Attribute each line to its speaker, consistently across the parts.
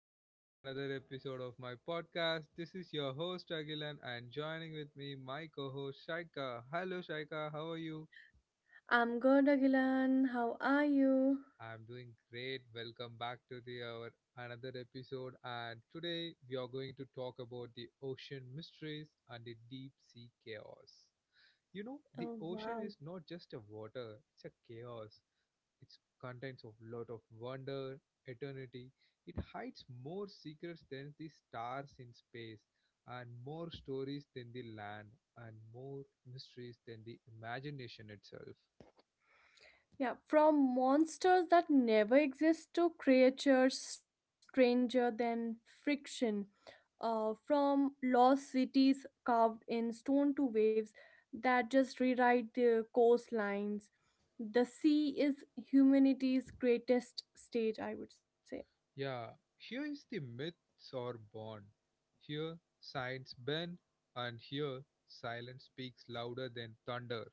Speaker 1: back to the another episode of my podcast. This is your host Agilan and joining with me my co-host Shaika. Hello Shaika, how are you?
Speaker 2: I'm good, Agilan. How are you?
Speaker 1: I'm doing great. Welcome back to the our another episode and today we are going to talk about the ocean mysteries and the deep sea chaos. You know,
Speaker 2: Oh,
Speaker 1: the
Speaker 2: wow.
Speaker 1: ocean is not just a water, it's a chaos. It contains a lot of wonder, eternity. It hides more secrets than the stars in space, and more stories than the land, and more mysteries than the imagination itself.
Speaker 2: Yeah, from monsters that never exist to creatures stranger than friction, from lost cities carved in stone to waves that just rewrite their coastlines. The sea is humanity's greatest stage, I would say.
Speaker 1: Yeah, here is the myths are born. Here, science bends, and here, silence speaks louder than thunder.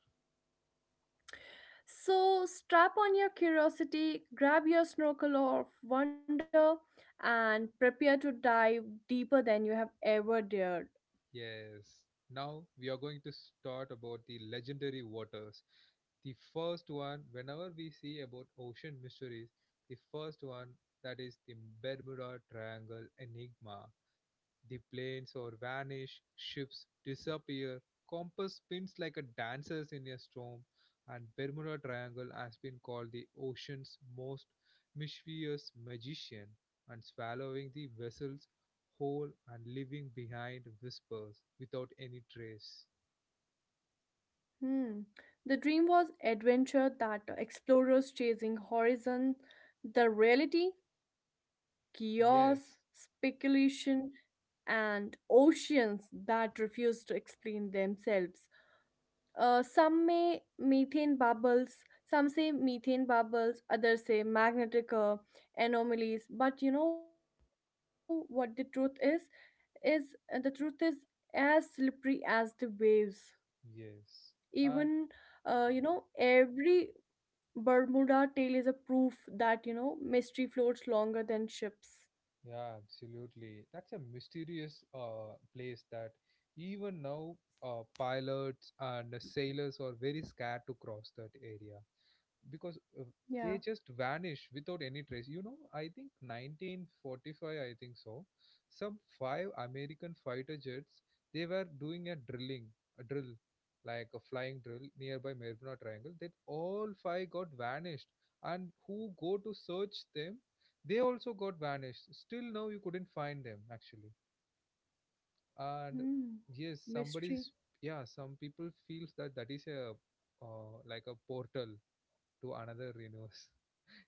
Speaker 2: So strap on your curiosity, grab your snorkel of wonder, and prepare to dive deeper than you have ever dared.
Speaker 1: Yes. Now we are going to start about the legendary waters. The first one, whenever we see about ocean mysteries, the first one that is the Bermuda Triangle Enigma. The planes or vanish, ships disappear, compass spins like a dancer's in a storm, and Bermuda Triangle has been called the ocean's most mischievous magician, and swallowing the vessels whole and leaving behind whispers without any trace.
Speaker 2: Hmm. The dream was adventure that explorers chasing horizon, the reality, chaos,
Speaker 1: Yes,
Speaker 2: speculation, and oceans that refuse to explain themselves. Some say methane bubbles, others say magnetic anomalies. But you know what the truth is? The truth is as slippery as the waves.
Speaker 1: yes.
Speaker 2: Even you know, every Bermuda tale is a proof that you know mystery floats longer than ships.
Speaker 1: Yeah, absolutely. That's a mysterious place that even now pilots and sailors are very scared to cross that area because they just
Speaker 2: Yeah.
Speaker 1: vanish without any trace. I think 1945, I think so, some five american fighter jets, they were doing a drilling, a drill, like a flying drill nearby Mariana Triangle, that all five got vanished, and who go to search them, they also got vanished, still now you couldn't find them actually. And
Speaker 2: Hmm.
Speaker 1: yes,
Speaker 2: Mystery.
Speaker 1: somebody's yeah, some people feels that that is a like a portal to another universe,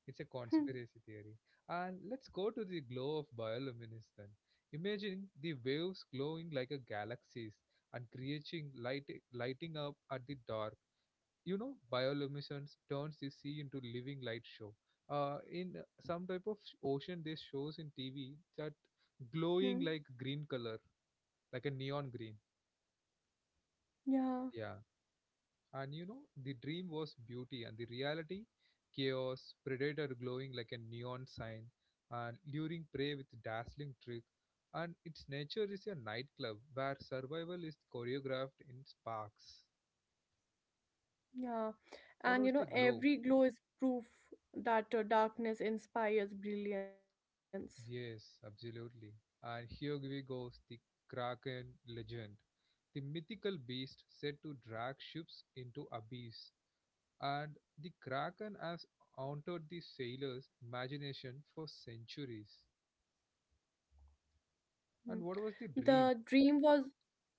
Speaker 1: it's a conspiracy
Speaker 2: Hmm.
Speaker 1: theory. And let's go to the glow of bioluminescence then. Imagine the waves glowing like a galaxies and creating light lighting up at the dark. Bioluminescence turns the sea into living light show. In some type of ocean, they shows in TV that glowing
Speaker 2: Hmm.
Speaker 1: like green color, like a neon green.
Speaker 2: Yeah.
Speaker 1: Yeah. And the dream was beauty, and the reality, chaos, predator glowing like a neon sign, and luring prey with dazzling trick. And its nature is a nightclub where survival is choreographed in sparks.
Speaker 2: Yeah, and
Speaker 1: What
Speaker 2: you know,
Speaker 1: was the glow?
Speaker 2: every glow is proof that darkness inspires brilliance.
Speaker 1: Yes, absolutely. And here we goes the Kraken legend, the mythical beast said to drag ships into abyss. And the Kraken has haunted the sailors' imagination for centuries.
Speaker 2: Hmm.
Speaker 1: And what was the dream?
Speaker 2: The dream was,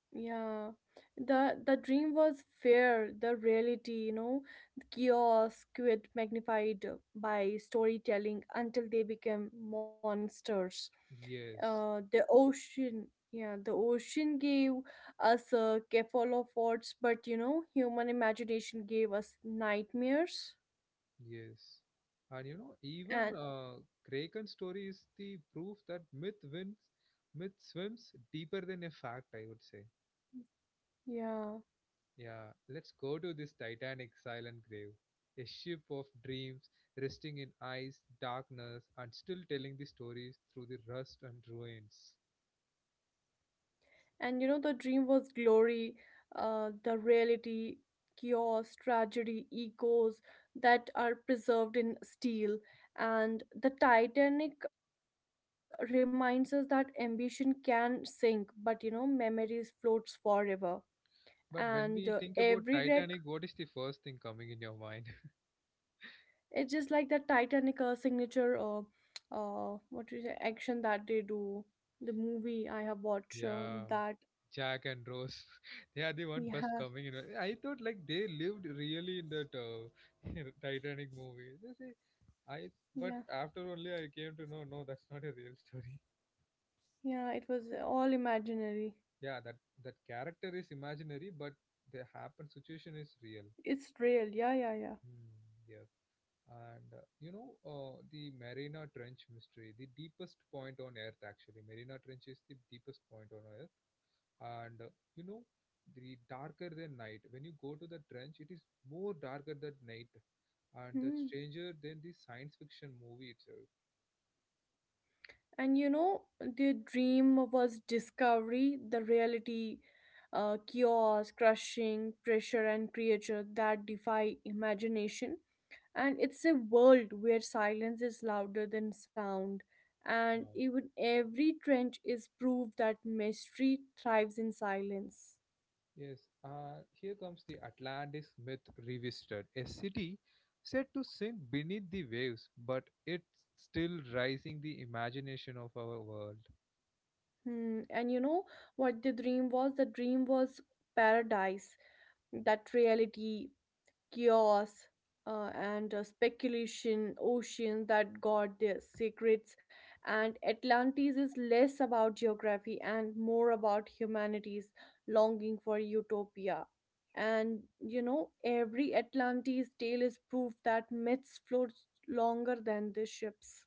Speaker 2: yeah, the dream was fair, the reality, you know, the chaos quit magnified by storytelling until they became monsters.
Speaker 1: Yes,
Speaker 2: The ocean gave us a of words, but you know, human imagination gave us nightmares.
Speaker 1: yes. And even
Speaker 2: And
Speaker 1: kraken's story is the proof that myth wins, myth swims deeper than a fact, I would say.
Speaker 2: yeah,
Speaker 1: Yeah, let's go to this titanic silent grave, a ship of dreams resting in ice darkness and still telling the stories through the rust and ruins.
Speaker 2: and you know, the dream was glory, the reality, chaos, tragedy, egos that are preserved in steel. And the Titanic reminds us that ambition can sink, but you know, memories floats forever. And
Speaker 1: But when we
Speaker 2: every
Speaker 1: think
Speaker 2: wreck,
Speaker 1: about titanic, what is the first thing coming in your mind?
Speaker 2: it's just like that Titanic signature, what is the action that they do? The movie I have watched
Speaker 1: Yeah,
Speaker 2: that,
Speaker 1: Jack and Rose. They are the one first
Speaker 2: yeah,
Speaker 1: coming. I thought like they lived really in that Titanic movie. They say, I but
Speaker 2: yeah.
Speaker 1: after only I came to know no, that's not a real story.
Speaker 2: Yeah, it was all imaginary.
Speaker 1: Yeah, that character is imaginary, but the happen situation is real.
Speaker 2: It's real. Yeah, yeah, yeah.
Speaker 1: Hmm, yeah. And the Marina Trench mystery, the deepest point on Earth actually. Marina Trench is the deepest point on Earth and you know the darker the night when you go to the trench it is more darker that night and that's
Speaker 2: Hmm.
Speaker 1: stranger than the science fiction movie itself.
Speaker 2: And you know, the dream was discovery, the reality, chaos, crushing, pressure, and creature that defy imagination. And it's a world where silence is louder than sound. And
Speaker 1: Yeah.
Speaker 2: even every trench is proof that mystery thrives in silence.
Speaker 1: Yes, here comes the Atlantis myth revisited. A city said to sink beneath the waves, but it's still rising the imagination of our world.
Speaker 2: Hmm. And you know what the dream was? The dream was paradise, that reality, chaos, and speculation ocean that got their secrets. And Atlantis is less about geography and more about humanity's longing for utopia. And you know, every Atlantis tale is proof that myths float longer than the ships.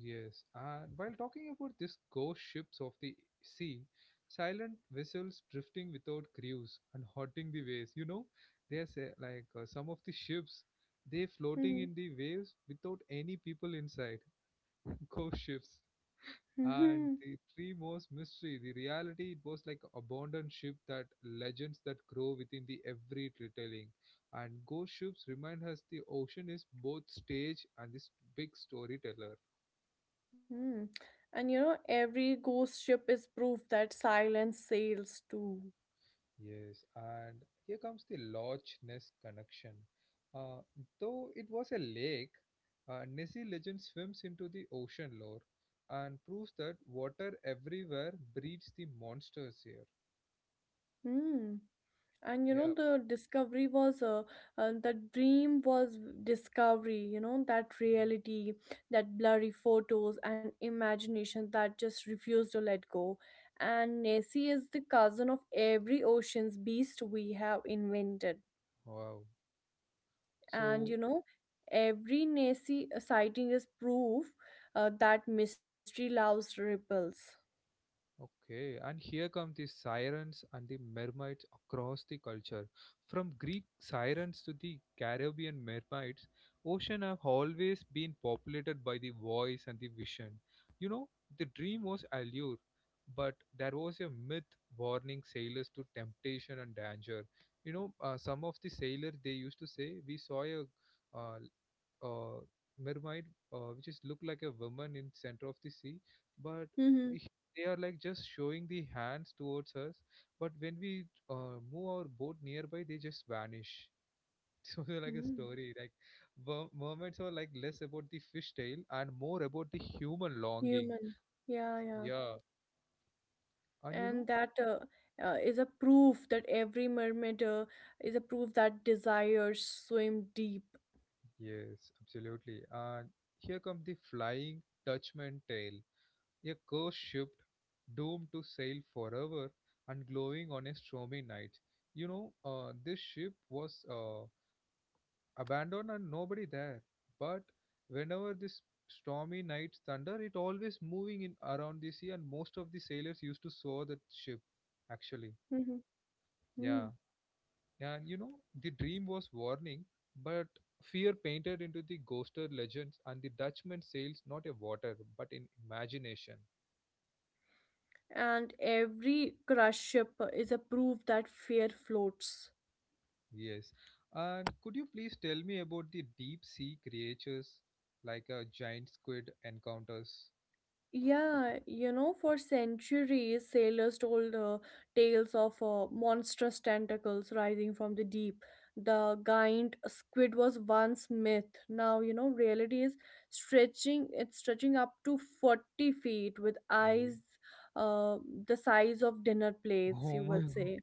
Speaker 1: Yes, and while talking about these ghost ships of the sea, silent vessels drifting without crews and haunting the waves. There's a, like some of the ships, they floating
Speaker 2: Mhm.
Speaker 1: in the waves without any people inside. Ghost ships. And
Speaker 2: Mhm.
Speaker 1: the three most mystery, the reality, it was like abandoned ship that legends that grow within the every retelling. And ghost ships remind us the ocean is both stage and this big storyteller.
Speaker 2: Mm. And you know, every ghost ship is proof that silence sails too.
Speaker 1: Yes, and here comes the Loch Ness connection. Uh, though it was a lake, Nessie legend swims into the ocean lore and proves that water everywhere breeds the monsters here.
Speaker 2: Hmm. and you
Speaker 1: Yeah,
Speaker 2: know the discovery was The dream was discovery, you know, that reality, that blurry photos and imagination that just refused to let go. And Nessie is the cousin of every ocean's beast we have invented.
Speaker 1: wow.
Speaker 2: And
Speaker 1: So,
Speaker 2: you know, every Nessie sighting is proof that mystery loves ripples.
Speaker 1: okay, and here come the sirens and the mermaids across the culture. From Greek sirens to the Caribbean mermaids, ocean have always been populated by the voice and the vision. You know, the dream was allure, but there was a myth warning sailors to temptation and danger. Some of the sailors they used to say, "We saw a uh, uh, mermaid which is look like a woman in center of the sea but
Speaker 2: Mm-hmm.
Speaker 1: we- they are like just showing the hands towards us but when we move our boat nearby they just vanish. So they're like a
Speaker 2: Mm-hmm.
Speaker 1: story like mermaids are like less about the fish tale and more about the human longing.
Speaker 2: Human, yeah, yeah.
Speaker 1: Yeah and
Speaker 2: And that is a proof that every mermaid is a proof that desires swim deep.
Speaker 1: yes, absolutely. And here comes the flying dutchman tale, a cursed ship doomed to sail forever and glowing on a stormy night. This ship was abandoned and nobody there. But whenever this stormy night thunder, it always moving in around the sea, and most of the sailors used to saw that ship. Actually,
Speaker 2: Mhm.
Speaker 1: yeah,
Speaker 2: Hmm.
Speaker 1: yeah. And the dream was warning, but fear painted into the ghosted legends and the Dutchman sails not a water but in imagination.
Speaker 2: And every crush ship is a proof that fear floats.
Speaker 1: Yes. And could you please tell me about the deep sea creatures like a giant squid encounters?
Speaker 2: Yeah, you know, for centuries, sailors told tales of monstrous tentacles rising from the deep. The giant squid was once myth. Now, you know, reality is stretching. It's stretching up to 40 feet with
Speaker 1: Oh,
Speaker 2: eyes, uh, the size of dinner plates, you
Speaker 1: oh my
Speaker 2: would
Speaker 1: god.
Speaker 2: say.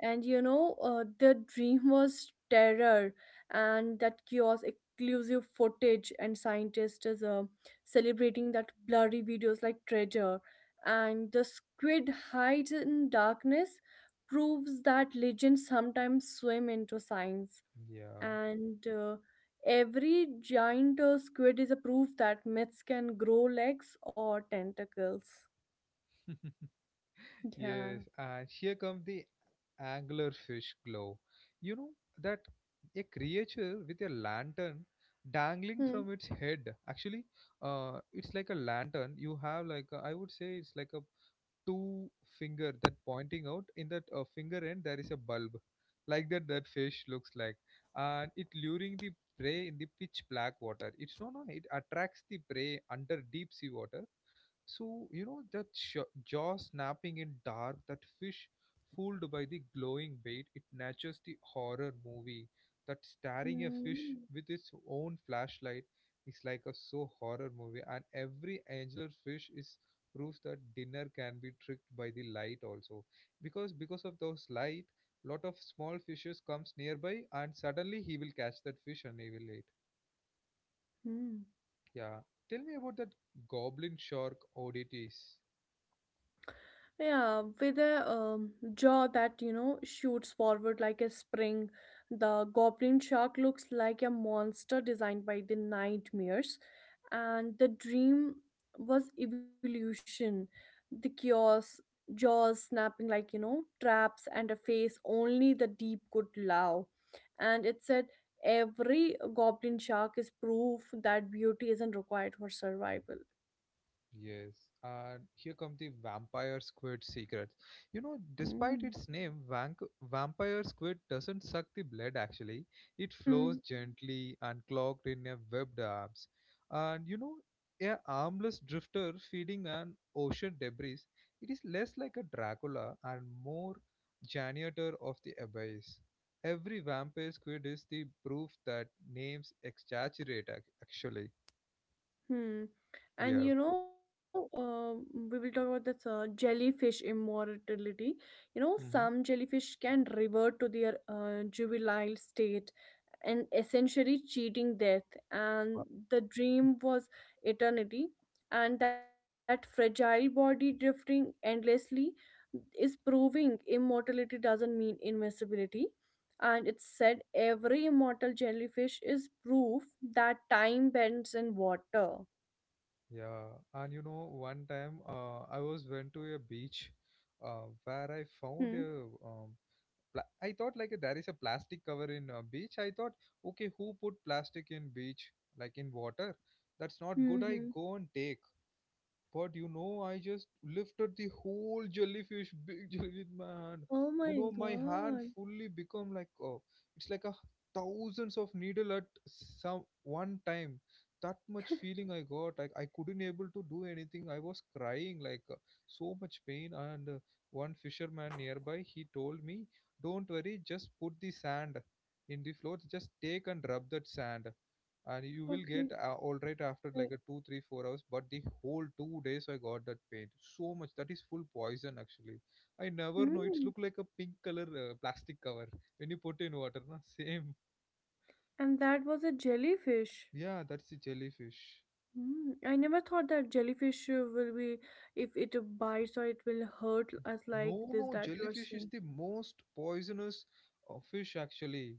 Speaker 2: And you know, the dream was terror, and that chaos exclusive footage, and scientists is celebrating that blurry videos like treasure. And the squid hides in darkness, proves that legends sometimes swim into science.
Speaker 1: Yeah.
Speaker 2: And every giant squid is a proof that myths can grow legs or tentacles. Yeah.
Speaker 1: Yes, and here comes the anglerfish glow. You know that a creature with a lantern dangling
Speaker 2: Hmm.
Speaker 1: from its head. Actually, it's like a lantern. You have like a, I would say it's like a two finger that pointing out in that finger end there is a bulb, like that that fish looks like, and it luring the prey in the pitch black water. It's no no it attracts the prey under deep sea water. So, that jaw snapping in dark, that fish fooled by the glowing bait, it matches the horror movie. That staring a fish
Speaker 2: Hmm.
Speaker 1: with its own flashlight is like a so horror movie, and every angular fish is proves that dinner can be tricked by the light also, because of those light lot of small fishes comes nearby and suddenly he will catch that fish and he will eat.
Speaker 2: Hmm.
Speaker 1: Yeah, tell me about that goblin shark oddities.
Speaker 2: Yeah, with a jaw that, you know, shoots forward like a spring, the goblin shark looks like a monster designed by the nightmares. And the dream was evolution. The chaos, jaws snapping like, you know, traps, and a face only the deep could allow. And it said, every goblin shark is proof that beauty isn't required for survival.
Speaker 1: Yes, and here come the vampire squid secret. Despite
Speaker 2: Hmm.
Speaker 1: its name, vank vampire squid doesn't suck the blood actually. It flows
Speaker 2: Hmm.
Speaker 1: gently and clogged in a webbed arms. And a armless drifter feeding on ocean debris, it is less like a Dracula and more janitor of the abyss. Every vampire squid is the proof that names exaggerate actually.
Speaker 2: Hmm. And
Speaker 1: Yeah.
Speaker 2: you know, we will talk about this jellyfish immortality. You know,
Speaker 1: Mm-hmm.
Speaker 2: some jellyfish can revert to their juvenile state and essentially cheating death. And the dream was eternity. And that fragile body drifting endlessly is proving immortality doesn't mean invincibility. And it's said every immortal jellyfish is proof that time bends in water.
Speaker 1: Yeah, and one time I was went to a beach
Speaker 2: Hmm.
Speaker 1: where I found a I thought like there is a plastic cover in a beach. I thought, okay, who put plastic in beach like in water? That's not good. I
Speaker 2: Mm-hmm.
Speaker 1: go and take. I just lifted the whole jellyfish, big jellyfish with my
Speaker 2: Oh
Speaker 1: hand.
Speaker 2: my
Speaker 1: My
Speaker 2: God.
Speaker 1: hand fully become like oh, it's like a thousands of needle at some one time. That much feeling I got. Like I couldn't able to do anything. I was crying like so much pain. And one fisherman nearby, he told me, "Don't worry, just put the sand in the floor. Just take and rub that sand." And you will
Speaker 2: Okay.
Speaker 1: get all right after
Speaker 2: Right.
Speaker 1: like a 2, 3, 4 hours, but the whole 2 days I got that pain so much. That is full poison actually. I never know, it's
Speaker 2: Hmm.
Speaker 1: look like a pink color plastic cover when you put in water na same.
Speaker 2: And that was a jellyfish.
Speaker 1: Yeah, that's the jellyfish.
Speaker 2: Hmm. I never thought that jellyfish will be, if it bites or it will hurt us
Speaker 1: No
Speaker 2: like
Speaker 1: no
Speaker 2: this that you're
Speaker 1: jellyfish is
Speaker 2: saying.
Speaker 1: the most poisonous fish actually.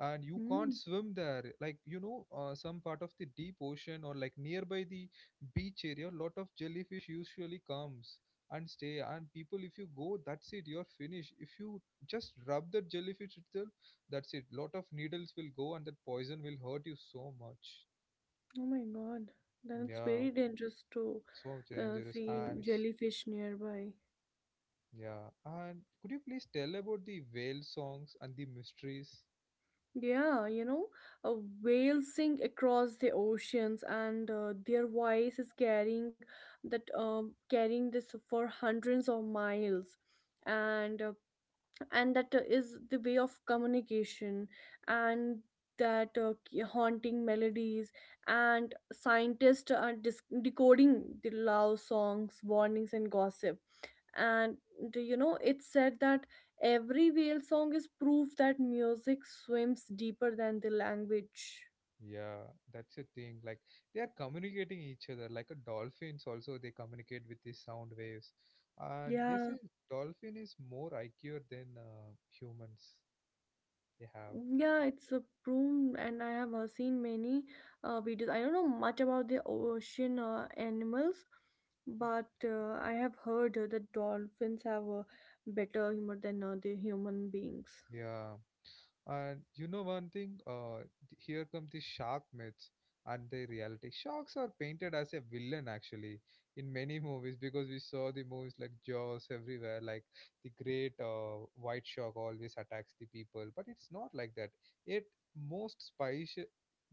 Speaker 1: And you can't
Speaker 2: Hmm.
Speaker 1: swim there, like, some part of the deep ocean or like nearby the beach area, lot of jellyfish usually comes and stay, and people if you go that's it you're finished. If you just rub the jellyfish itself, that's it, lot of needles will go and that poison will hurt you so much.
Speaker 2: Oh my God. Then it's
Speaker 1: Yeah,
Speaker 2: very dangerous to
Speaker 1: so dangerous.
Speaker 2: see
Speaker 1: And
Speaker 2: jellyfish nearby.
Speaker 1: yeah, and could you please tell about the whale songs and the mysteries?
Speaker 2: Yeah, you know, uh, whales sing across the oceans, and their voice is carrying that carrying this for hundreds of miles, and that is the way of communication, and that haunting melodies, and scientists are decoding the love songs, warnings, and gossip. And do you know, it's said that every whale song is proof that music swims deeper than the language.
Speaker 1: Yeah, that's a thing. Like they are communicating each other. Like a dolphins also they communicate with these sound waves. And they
Speaker 2: Yeah.
Speaker 1: say dolphin is more IQ than humans. They have.
Speaker 2: Yeah, it's a prune, and I have seen many videos. I don't know much about the ocean animals, but I have heard that dolphins have a better humor than the human beings.
Speaker 1: Yeah. And you know one thing, here come the shark myths and the reality. Sharks are painted as a villain actually in many movies because we saw the movies like Jaws everywhere, like the great white shark always attacks the people, but it's not like that. Yet most species,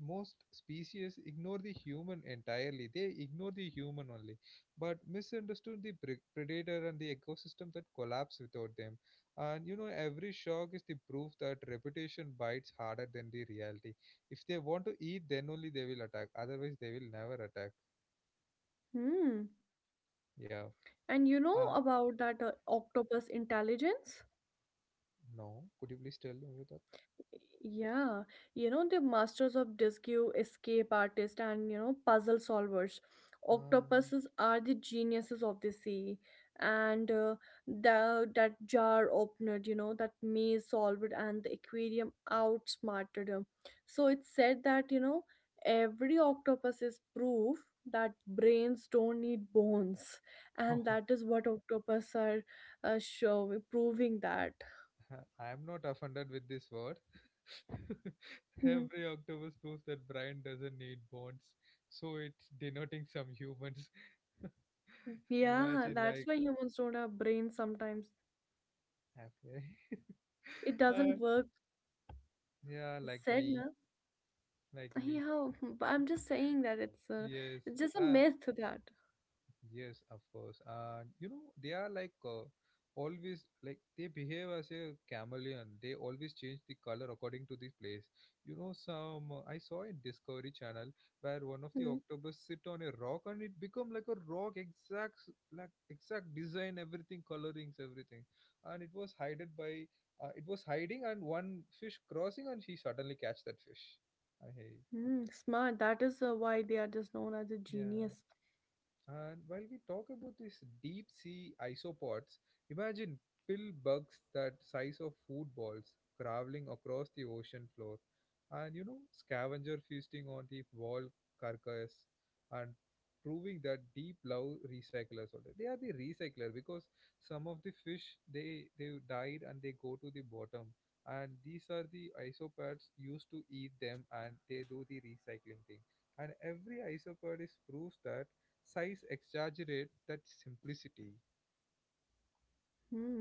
Speaker 1: most species ignore the human entirely. They ignore the human only, but misunderstood the predator and the ecosystem that collapse without them. And you know, every shock is the proof that reputation bites harder than the reality. If they want to eat, then only they will attack. Otherwise, they will never attack.
Speaker 2: Hmm.
Speaker 1: Yeah.
Speaker 2: And you know
Speaker 1: Uh,
Speaker 2: about that octopus intelligence.
Speaker 1: no. Could you please tell me with that?
Speaker 2: Yeah, you know, the masters of Disque, escape artists, and you know, puzzle solvers.
Speaker 1: Uh,
Speaker 2: Octopuses are the geniuses of the sea, and that jar opener, you know, that maze solver, and the aquarium outsmarted him. So it's said that, you know, every octopus is proof that brains don't need bones, and
Speaker 1: oh,
Speaker 2: that is what octopus are showing, proving that.
Speaker 1: I'm not offended with this word.
Speaker 2: Hmm.
Speaker 1: Every octopus proves that Brian doesn't need bones, so it's denoting some humans.
Speaker 2: Yeah,
Speaker 1: Imagine, like,
Speaker 2: that's why humans don't have brains sometimes.
Speaker 1: okay.
Speaker 2: It
Speaker 1: uh,
Speaker 2: doesn't work.
Speaker 1: yeah, like
Speaker 2: Said,
Speaker 1: me,
Speaker 2: na?
Speaker 1: like me.
Speaker 2: Yeah, hmm, but I'm just saying that
Speaker 1: Yes,
Speaker 2: it's just a
Speaker 1: uh,
Speaker 2: myth that.
Speaker 1: yes, of course. And you know, they are like always like they behave as a chameleon. They always change the color according to the place. You know, some I saw in Discovery Channel where one of the
Speaker 2: Hmm.
Speaker 1: octopus sit on a rock and it become like a rock, exact like exact design, everything, colorings, everything, and it was hided by it was hiding and one fish crossing and she suddenly catch that fish. I hate
Speaker 2: Hmm, smart. That is why they are just known as a
Speaker 1: Yeah.
Speaker 2: genius.
Speaker 1: And while we talk about these deep sea isopods, imagine pill bugs that size of footballs traveling across the ocean floor, and you know, scavenger feasting on the wall carcass, and proving that deep love recyclers also. They are the recycler because some of the fish they died and they go to the bottom, and these are the isopods used to eat them, and they do the recycling thing. And every isopod is proves that size exaggerate that simplicity.
Speaker 2: Hmm.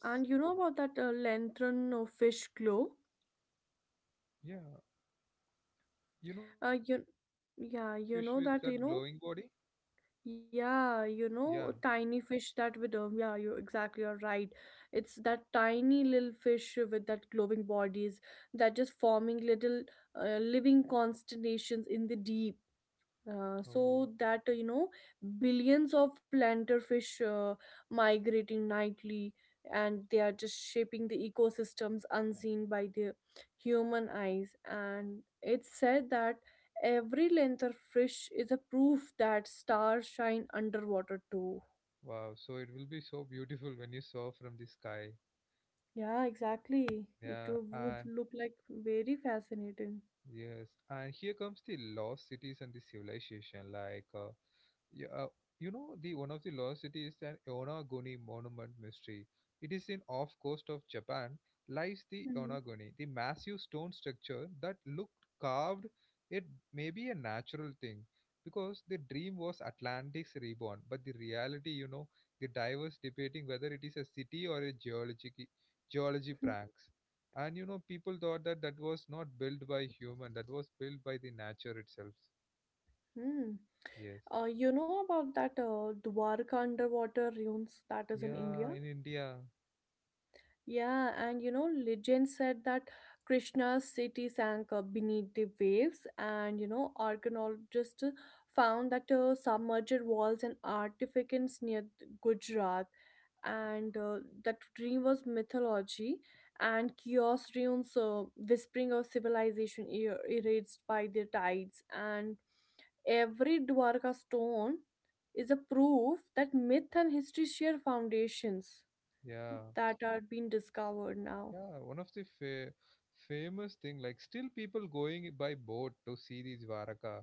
Speaker 2: And you know about that lantern or fish glow?
Speaker 1: Yeah. You know
Speaker 2: Uh,
Speaker 1: that
Speaker 2: you,
Speaker 1: tiny fish with
Speaker 2: yeah,
Speaker 1: that
Speaker 2: you
Speaker 1: glowing
Speaker 2: know
Speaker 1: body?
Speaker 2: that, you know, yeah, you
Speaker 1: Yeah.
Speaker 2: know, tiny fish that with yeah, you exactly you're right. It's that tiny little fish with that glowing bodies that just forming little living constellations in the deep,
Speaker 1: Oh.
Speaker 2: so that, you know, billions of lanterfish migrating nightly, and they are just shaping the ecosystems unseen by the human eyes. And it's said that every lanterfish is a proof that stars shine underwater too.
Speaker 1: Wow. So it will be so beautiful when you saw from the sky.
Speaker 2: Yeah, exactly, it
Speaker 1: Yeah.
Speaker 2: would
Speaker 1: And
Speaker 2: look like very fascinating.
Speaker 1: yes. And here comes the lost cities and the civilization. Like, yeah, the one of the lost city is an Yonaguni monument mystery. It is in off coast of Japan lies the
Speaker 2: Mhm.
Speaker 1: Yonaguni, the massive stone structure that looked carved. It may be a natural thing because the dream was Atlantic's reborn, but the reality, the divers debating whether it is a city or a geology pranks. And people thought that that was not built by human, that was built by the nature itself.
Speaker 2: Hmm.
Speaker 1: Yes.
Speaker 2: You know about that Dwarka underwater ruins that is in
Speaker 1: Yeah,
Speaker 2: India?
Speaker 1: in India.
Speaker 2: Yeah, and you know, legend said that Krishna's city sank beneath the waves, and you know, archaeologists found that submerged walls and artifacts near Gujarat, and that dream was mythology, and chaos ruins, whispering of civilization erased by the tides, and every Dwarka stone is a proof that myth and history share foundations
Speaker 1: Yeah,
Speaker 2: that are being discovered now.
Speaker 1: yeah. One of the famous thing, like still people going by boat to see these Varaka.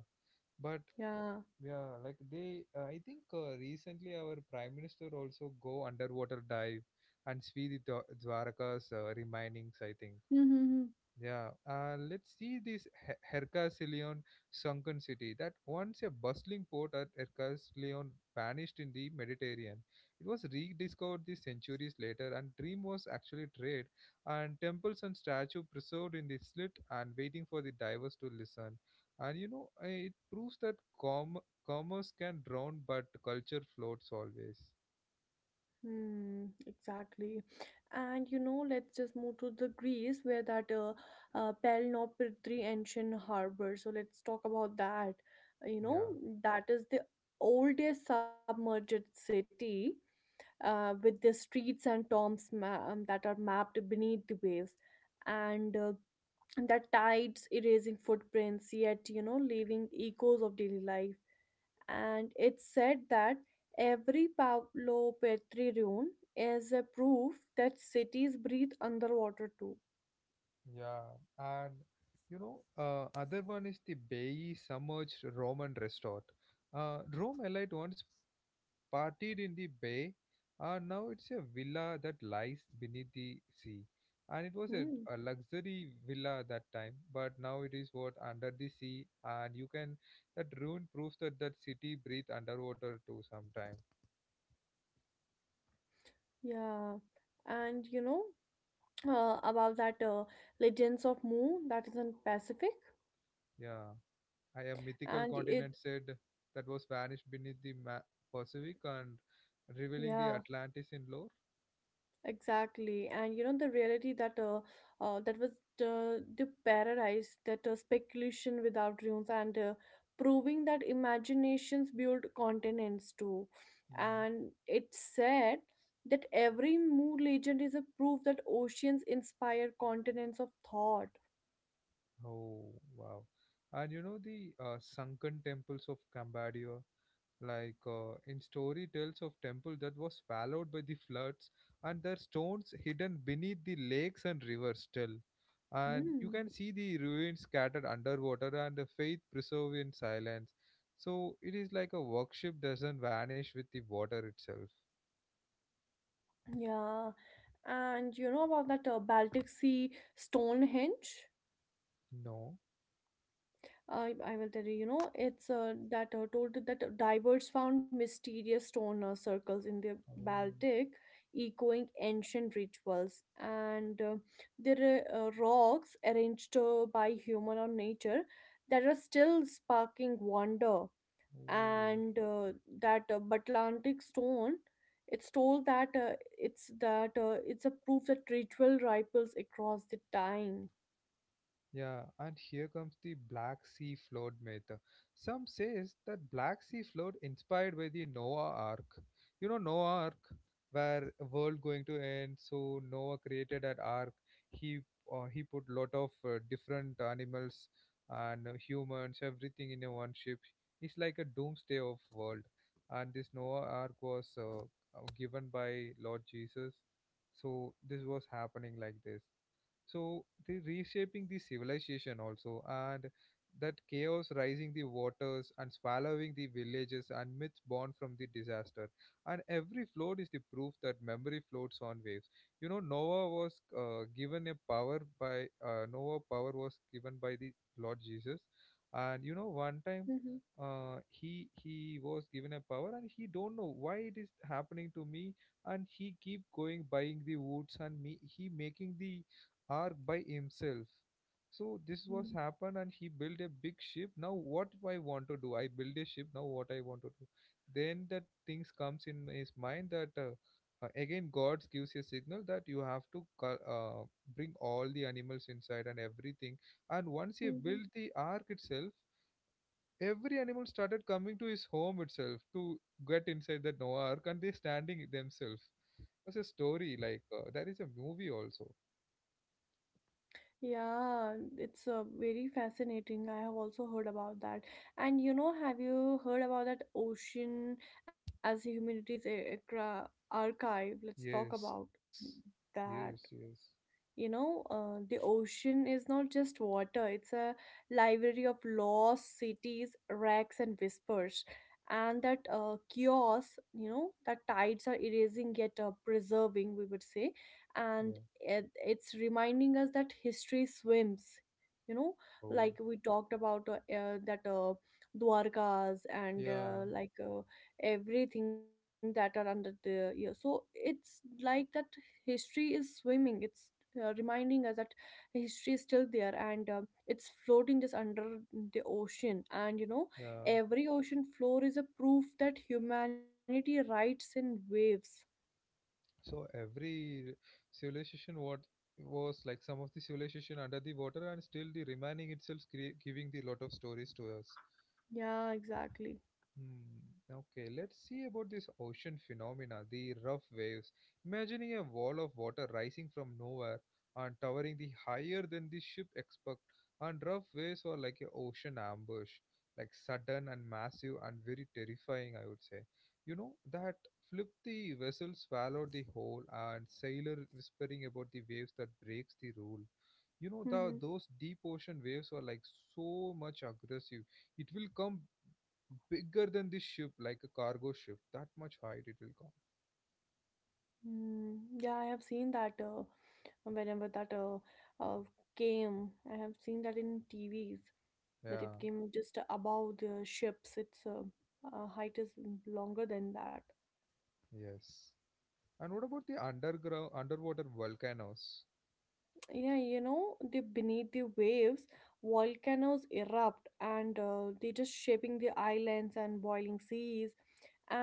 Speaker 1: But
Speaker 2: Yeah.
Speaker 1: yeah, like I think recently our prime minister also go underwater dive and see the Dwaraka's remainings. I think.
Speaker 2: Mm-hmm.
Speaker 1: Yeah, let's see this Hercasileon sunken city. That once a bustling port at Hercasileon vanished in the Mediterranean. It was rediscovered the centuries later, and dream was actually trade, and temples and statue preserved in the slit and waiting for the divers to listen. And you know, it proves that commerce can drown, but culture floats always.
Speaker 2: Hmm, exactly. And you know, let's just move to the Greece, where that Peloponnesian ancient harbor. So let's talk about that. You know,
Speaker 1: Yeah.
Speaker 2: that is the oldest submerged city with the streets and tombs that are mapped beneath the waves. And the tides erasing footprints, yet, you know, leaving echoes of daily life. And it said that every Pablo Petri ruin is a proof that cities breathe underwater too.
Speaker 1: Yeah, and you know, other one is the Bay submerged Roman resort. Rome elite once partied in the bay, and now it's a villa that lies beneath the sea. And it was a,
Speaker 2: Hmm.
Speaker 1: a luxury villa that time, but now it is what under the sea, and you can that ruin proves that that city breathe underwater too sometime.
Speaker 2: Yeah, and you know about that Legends of Mu that is in Pacific,
Speaker 1: Yeah. I A mythical
Speaker 2: and it
Speaker 1: continent said that was vanished beneath the Pacific and revealing the
Speaker 2: yeah.
Speaker 1: Atlantis in lore.
Speaker 2: Exactly, and you know the reality that that was the paradise, that speculation without rules, and proving that imaginations build continents too.
Speaker 1: Mhm.
Speaker 2: And it said that every mood legend is a proof that oceans inspire continents of thought.
Speaker 1: Oh, wow. And you know the sunken temples of Cambodia, like in story tells of temple that was swallowed by the floods and their stones hidden beneath the lakes and rivers still. And
Speaker 2: Hmm.
Speaker 1: you can see the ruins scattered underwater and the faith preserved in silence. So it is like a worship doesn't vanish with the water itself.
Speaker 2: Yeah, and you know about that Baltic Sea Stonehenge?
Speaker 1: No.
Speaker 2: I will tell you, you know, it's that told that divers found mysterious stone circles in the
Speaker 1: Oh.
Speaker 2: Baltic, echoing ancient rituals. And there are rocks arranged by human or nature that are still sparking wonder.
Speaker 1: Oh.
Speaker 2: And that Atlantic stone, it's told that it's a proof that ritual ripples across the time.
Speaker 1: Yeah, and here comes the Black Sea flood myth. Some says that Black Sea flood inspired by the Noah Ark. You know Noah Ark, where world going to end. So Noah created that ark. He he put lot of different animals and humans, everything in a one ship. It's like a doomsday of world. And this Noah Ark was given by Lord Jesus. So this was happening like this, so they reshaping the civilization also, and that chaos rising the waters and swallowing the villages and myths born from the disaster. And every flood is the proof that memory floats on waves. You know Noah was given a power by Noah power was given by the Lord Jesus. And you know, one time
Speaker 2: Mm-hmm.
Speaker 1: he was given a power and he don't know why it is happening to me, and he keep going buying the woods and me he making the ark by himself. So this was happened and he built a big ship. Now what I want to do? I build a ship. Now what I want to do? Then that things comes in his mind that again God gives a signal that you have to bring all the animals inside and everything. And once he
Speaker 2: Mhm.
Speaker 1: built the ark itself, every animal started coming to his home itself to get inside the Noah ark and they standing themselves. It was a story like, there is a movie also.
Speaker 2: Yeah, it's very fascinating. I have also heard about that. And you know, have you heard about that ocean as humanities archive? Let's talk about
Speaker 1: Yes, yes,
Speaker 2: that.
Speaker 1: yes.
Speaker 2: You know, the ocean is not just water, it's a library of laws, cities, wrecks, and whispers. And that chaos, you know, that tides are erasing yet preserving, we would say.
Speaker 1: Yeah.
Speaker 2: And it, it's reminding us that history swims, you know,
Speaker 1: Oh,
Speaker 2: like we talked about that Dwarkas and
Speaker 1: yeah,
Speaker 2: everything that are under the, yeah, so it's like that history is swimming, it's reminding us that history is still there, and it's floating just under the ocean. And you know,
Speaker 1: yeah.
Speaker 2: every ocean floor is a proof that humanity rides in waves.
Speaker 1: So every civilization what was like some of the civilization under the water and still the remaining itself giving the lot of stories to us.
Speaker 2: Yeah, exactly.
Speaker 1: Hmm. Okay, let's see about this ocean phenomena, the rough waves. Imagining a wall of water rising from nowhere and towering the higher than the ship expect, and rough waves are like an ocean ambush, like sudden and massive and very terrifying, I would say. You know, that flip the vessel, swallow the whole, and sailor whispering about the waves that breaks the rule. You know, the,
Speaker 2: Mm-hmm.
Speaker 1: those deep ocean waves are like so much aggressive. It will come bigger than this ship, like a cargo ship. That much height it will come.
Speaker 2: Mm, yeah, I have seen that whenever that uh, came, I have seen that in TVs that it
Speaker 1: Yeah,
Speaker 2: came just above the ships. Its height is longer than that.
Speaker 1: yes. And what about the underground, underwater volcanoes?
Speaker 2: Yeah, you know, the beneath the waves volcanoes erupt, and they just shaping the islands and boiling seas,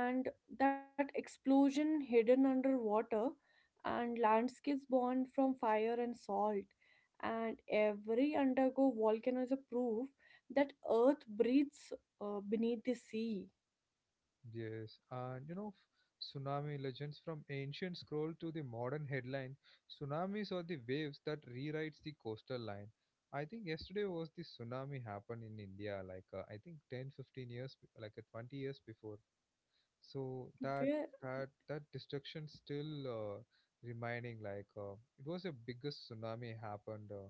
Speaker 2: and that explosion hidden underwater, and landscapes born from fire and salt. And every undergo volcano is a proof that earth breathes beneath the sea.
Speaker 1: Yes, and you know, tsunami legends from ancient scroll to the modern headline. Tsunamis are the waves that rewrites the coastal line. I think yesterday was the tsunami happened in India, like I think 10, 15 years, like 20 years before. So that
Speaker 2: Where
Speaker 1: that that destruction still remaining, like it was the biggest tsunami happened,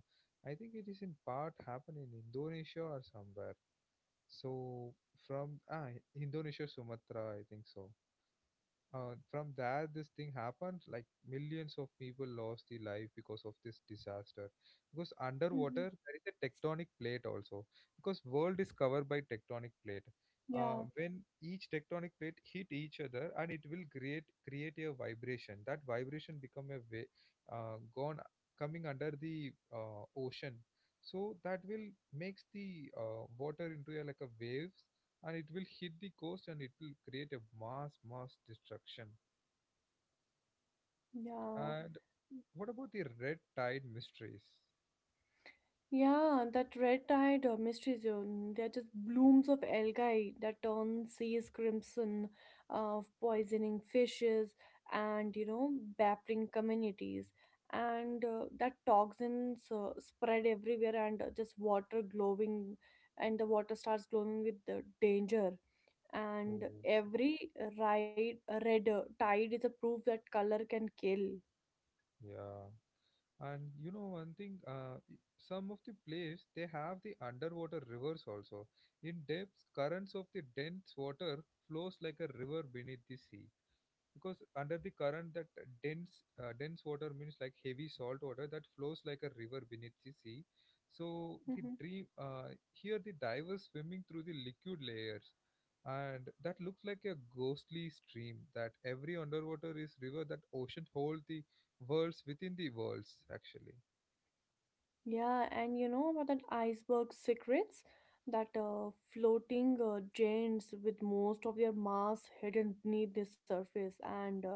Speaker 1: I think it is in part happened in Indonesia or somewhere. So from Indonesia Sumatra, I think so. From there this thing happened, like millions of people lost their life because of this disaster, because
Speaker 2: mhm.
Speaker 1: underwater there is a tectonic plate also, because world is covered by tectonic plate.
Speaker 2: Yeah,
Speaker 1: When each tectonic plate hit each other and it will create a vibration, that vibration become a way, gone coming under the ocean. So that will makes the water into a, like a waves, and it will hit the coast and it will create a mass destruction.
Speaker 2: yeah.
Speaker 1: And what about the red tide mysteries?
Speaker 2: Yeah, that red-eyed mystery zone. They're just blooms of algae that turn seas crimson, of poisoning fishes, and you know, baffling communities. And that toxins spread everywhere, and just water glowing, and the water starts glowing with the danger. And
Speaker 1: Oh,
Speaker 2: every ride red tide is a proof that color can kill.
Speaker 1: yeah. And you know one thing, some of the places they have the underwater rivers also, in depths currents of the dense water flows like a river beneath the sea, because under the current that dense water means like heavy salt water that flows like a river beneath the sea. So the
Speaker 2: Mm-hmm.
Speaker 1: dream, here the divers swimming through the liquid layers, and that looks like a ghostly stream, that every underwater is river, that ocean holds the worlds within the worlds actually.
Speaker 2: Yeah, and you know about that iceberg secrets? That floating giants with most of their mass hidden beneath the surface, and uh,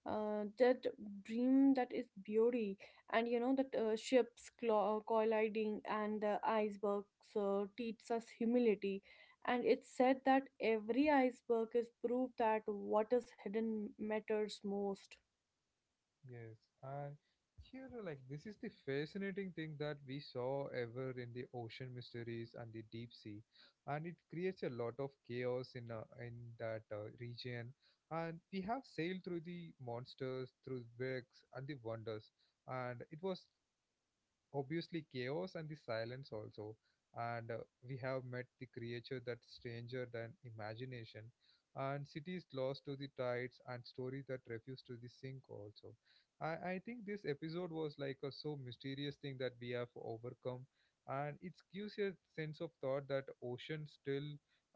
Speaker 2: uh, that dream that is beauty, and you know that ships colliding, and the icebergs teach us humility. And it's said that every iceberg is proof that what is hidden matters most.
Speaker 1: Yes, and here, like, this is the fascinating thing that we saw ever in the ocean mysteries and the deep sea, and it creates a lot of chaos in that region. And we have sailed through the monsters, through wrecks, and the wonders, and it was obviously chaos and the silence also. And we have met the creature that's stranger than imagination and cities lost to the tides and story that refuse to the sink also. I think this episode was like a so mysterious thing that we have overcome, and it gives you a sense of thought that ocean still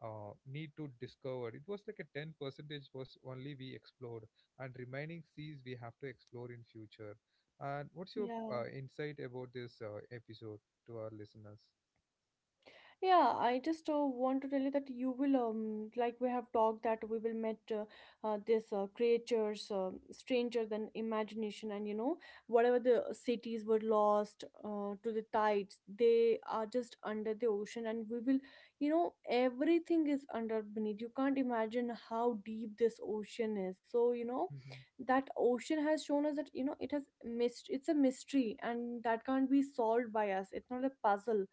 Speaker 1: need to discover. It was like a 10 percentage was only we explored, and remaining seas we have to explore in future. And what's your
Speaker 2: Yeah.
Speaker 1: insight about this episode to our listeners?
Speaker 2: Yeah, I just want to tell you that you will, like we have talked, that we will met this creatures stranger than imagination, and you know, whatever the cities were lost to the tides, they are just under the ocean, and we will, you know, everything is under beneath. You can't imagine how deep this ocean is. So you know,
Speaker 1: Hmm.
Speaker 2: that ocean has shown us that you know it has missed. It's a mystery, and that can't be solved by us. It's not a puzzle,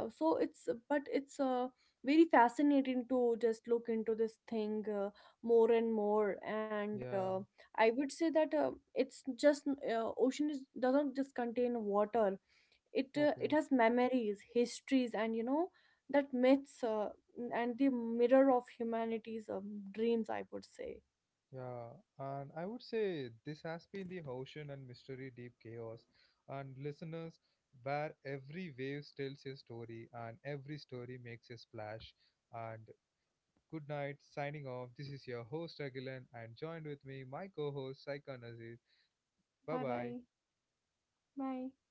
Speaker 2: so it's, but it's very fascinating to just look into this thing more and more, and
Speaker 1: Yeah,
Speaker 2: I would say that it's just ocean is, doesn't just contain water, it it
Speaker 1: okay.
Speaker 2: has memories, histories, and you know, that myths and the mirror of humanity's dreams, I would say.
Speaker 1: Yeah, and I would say this has been the ocean and mystery deep chaos. And listeners, where every wave tells a story and every story makes a splash. And good night, signing off. This is your host, Agilan, and joined with me, my co host, Saikan Aziz. Bye
Speaker 2: Bye
Speaker 1: bye.
Speaker 2: bye. Bye.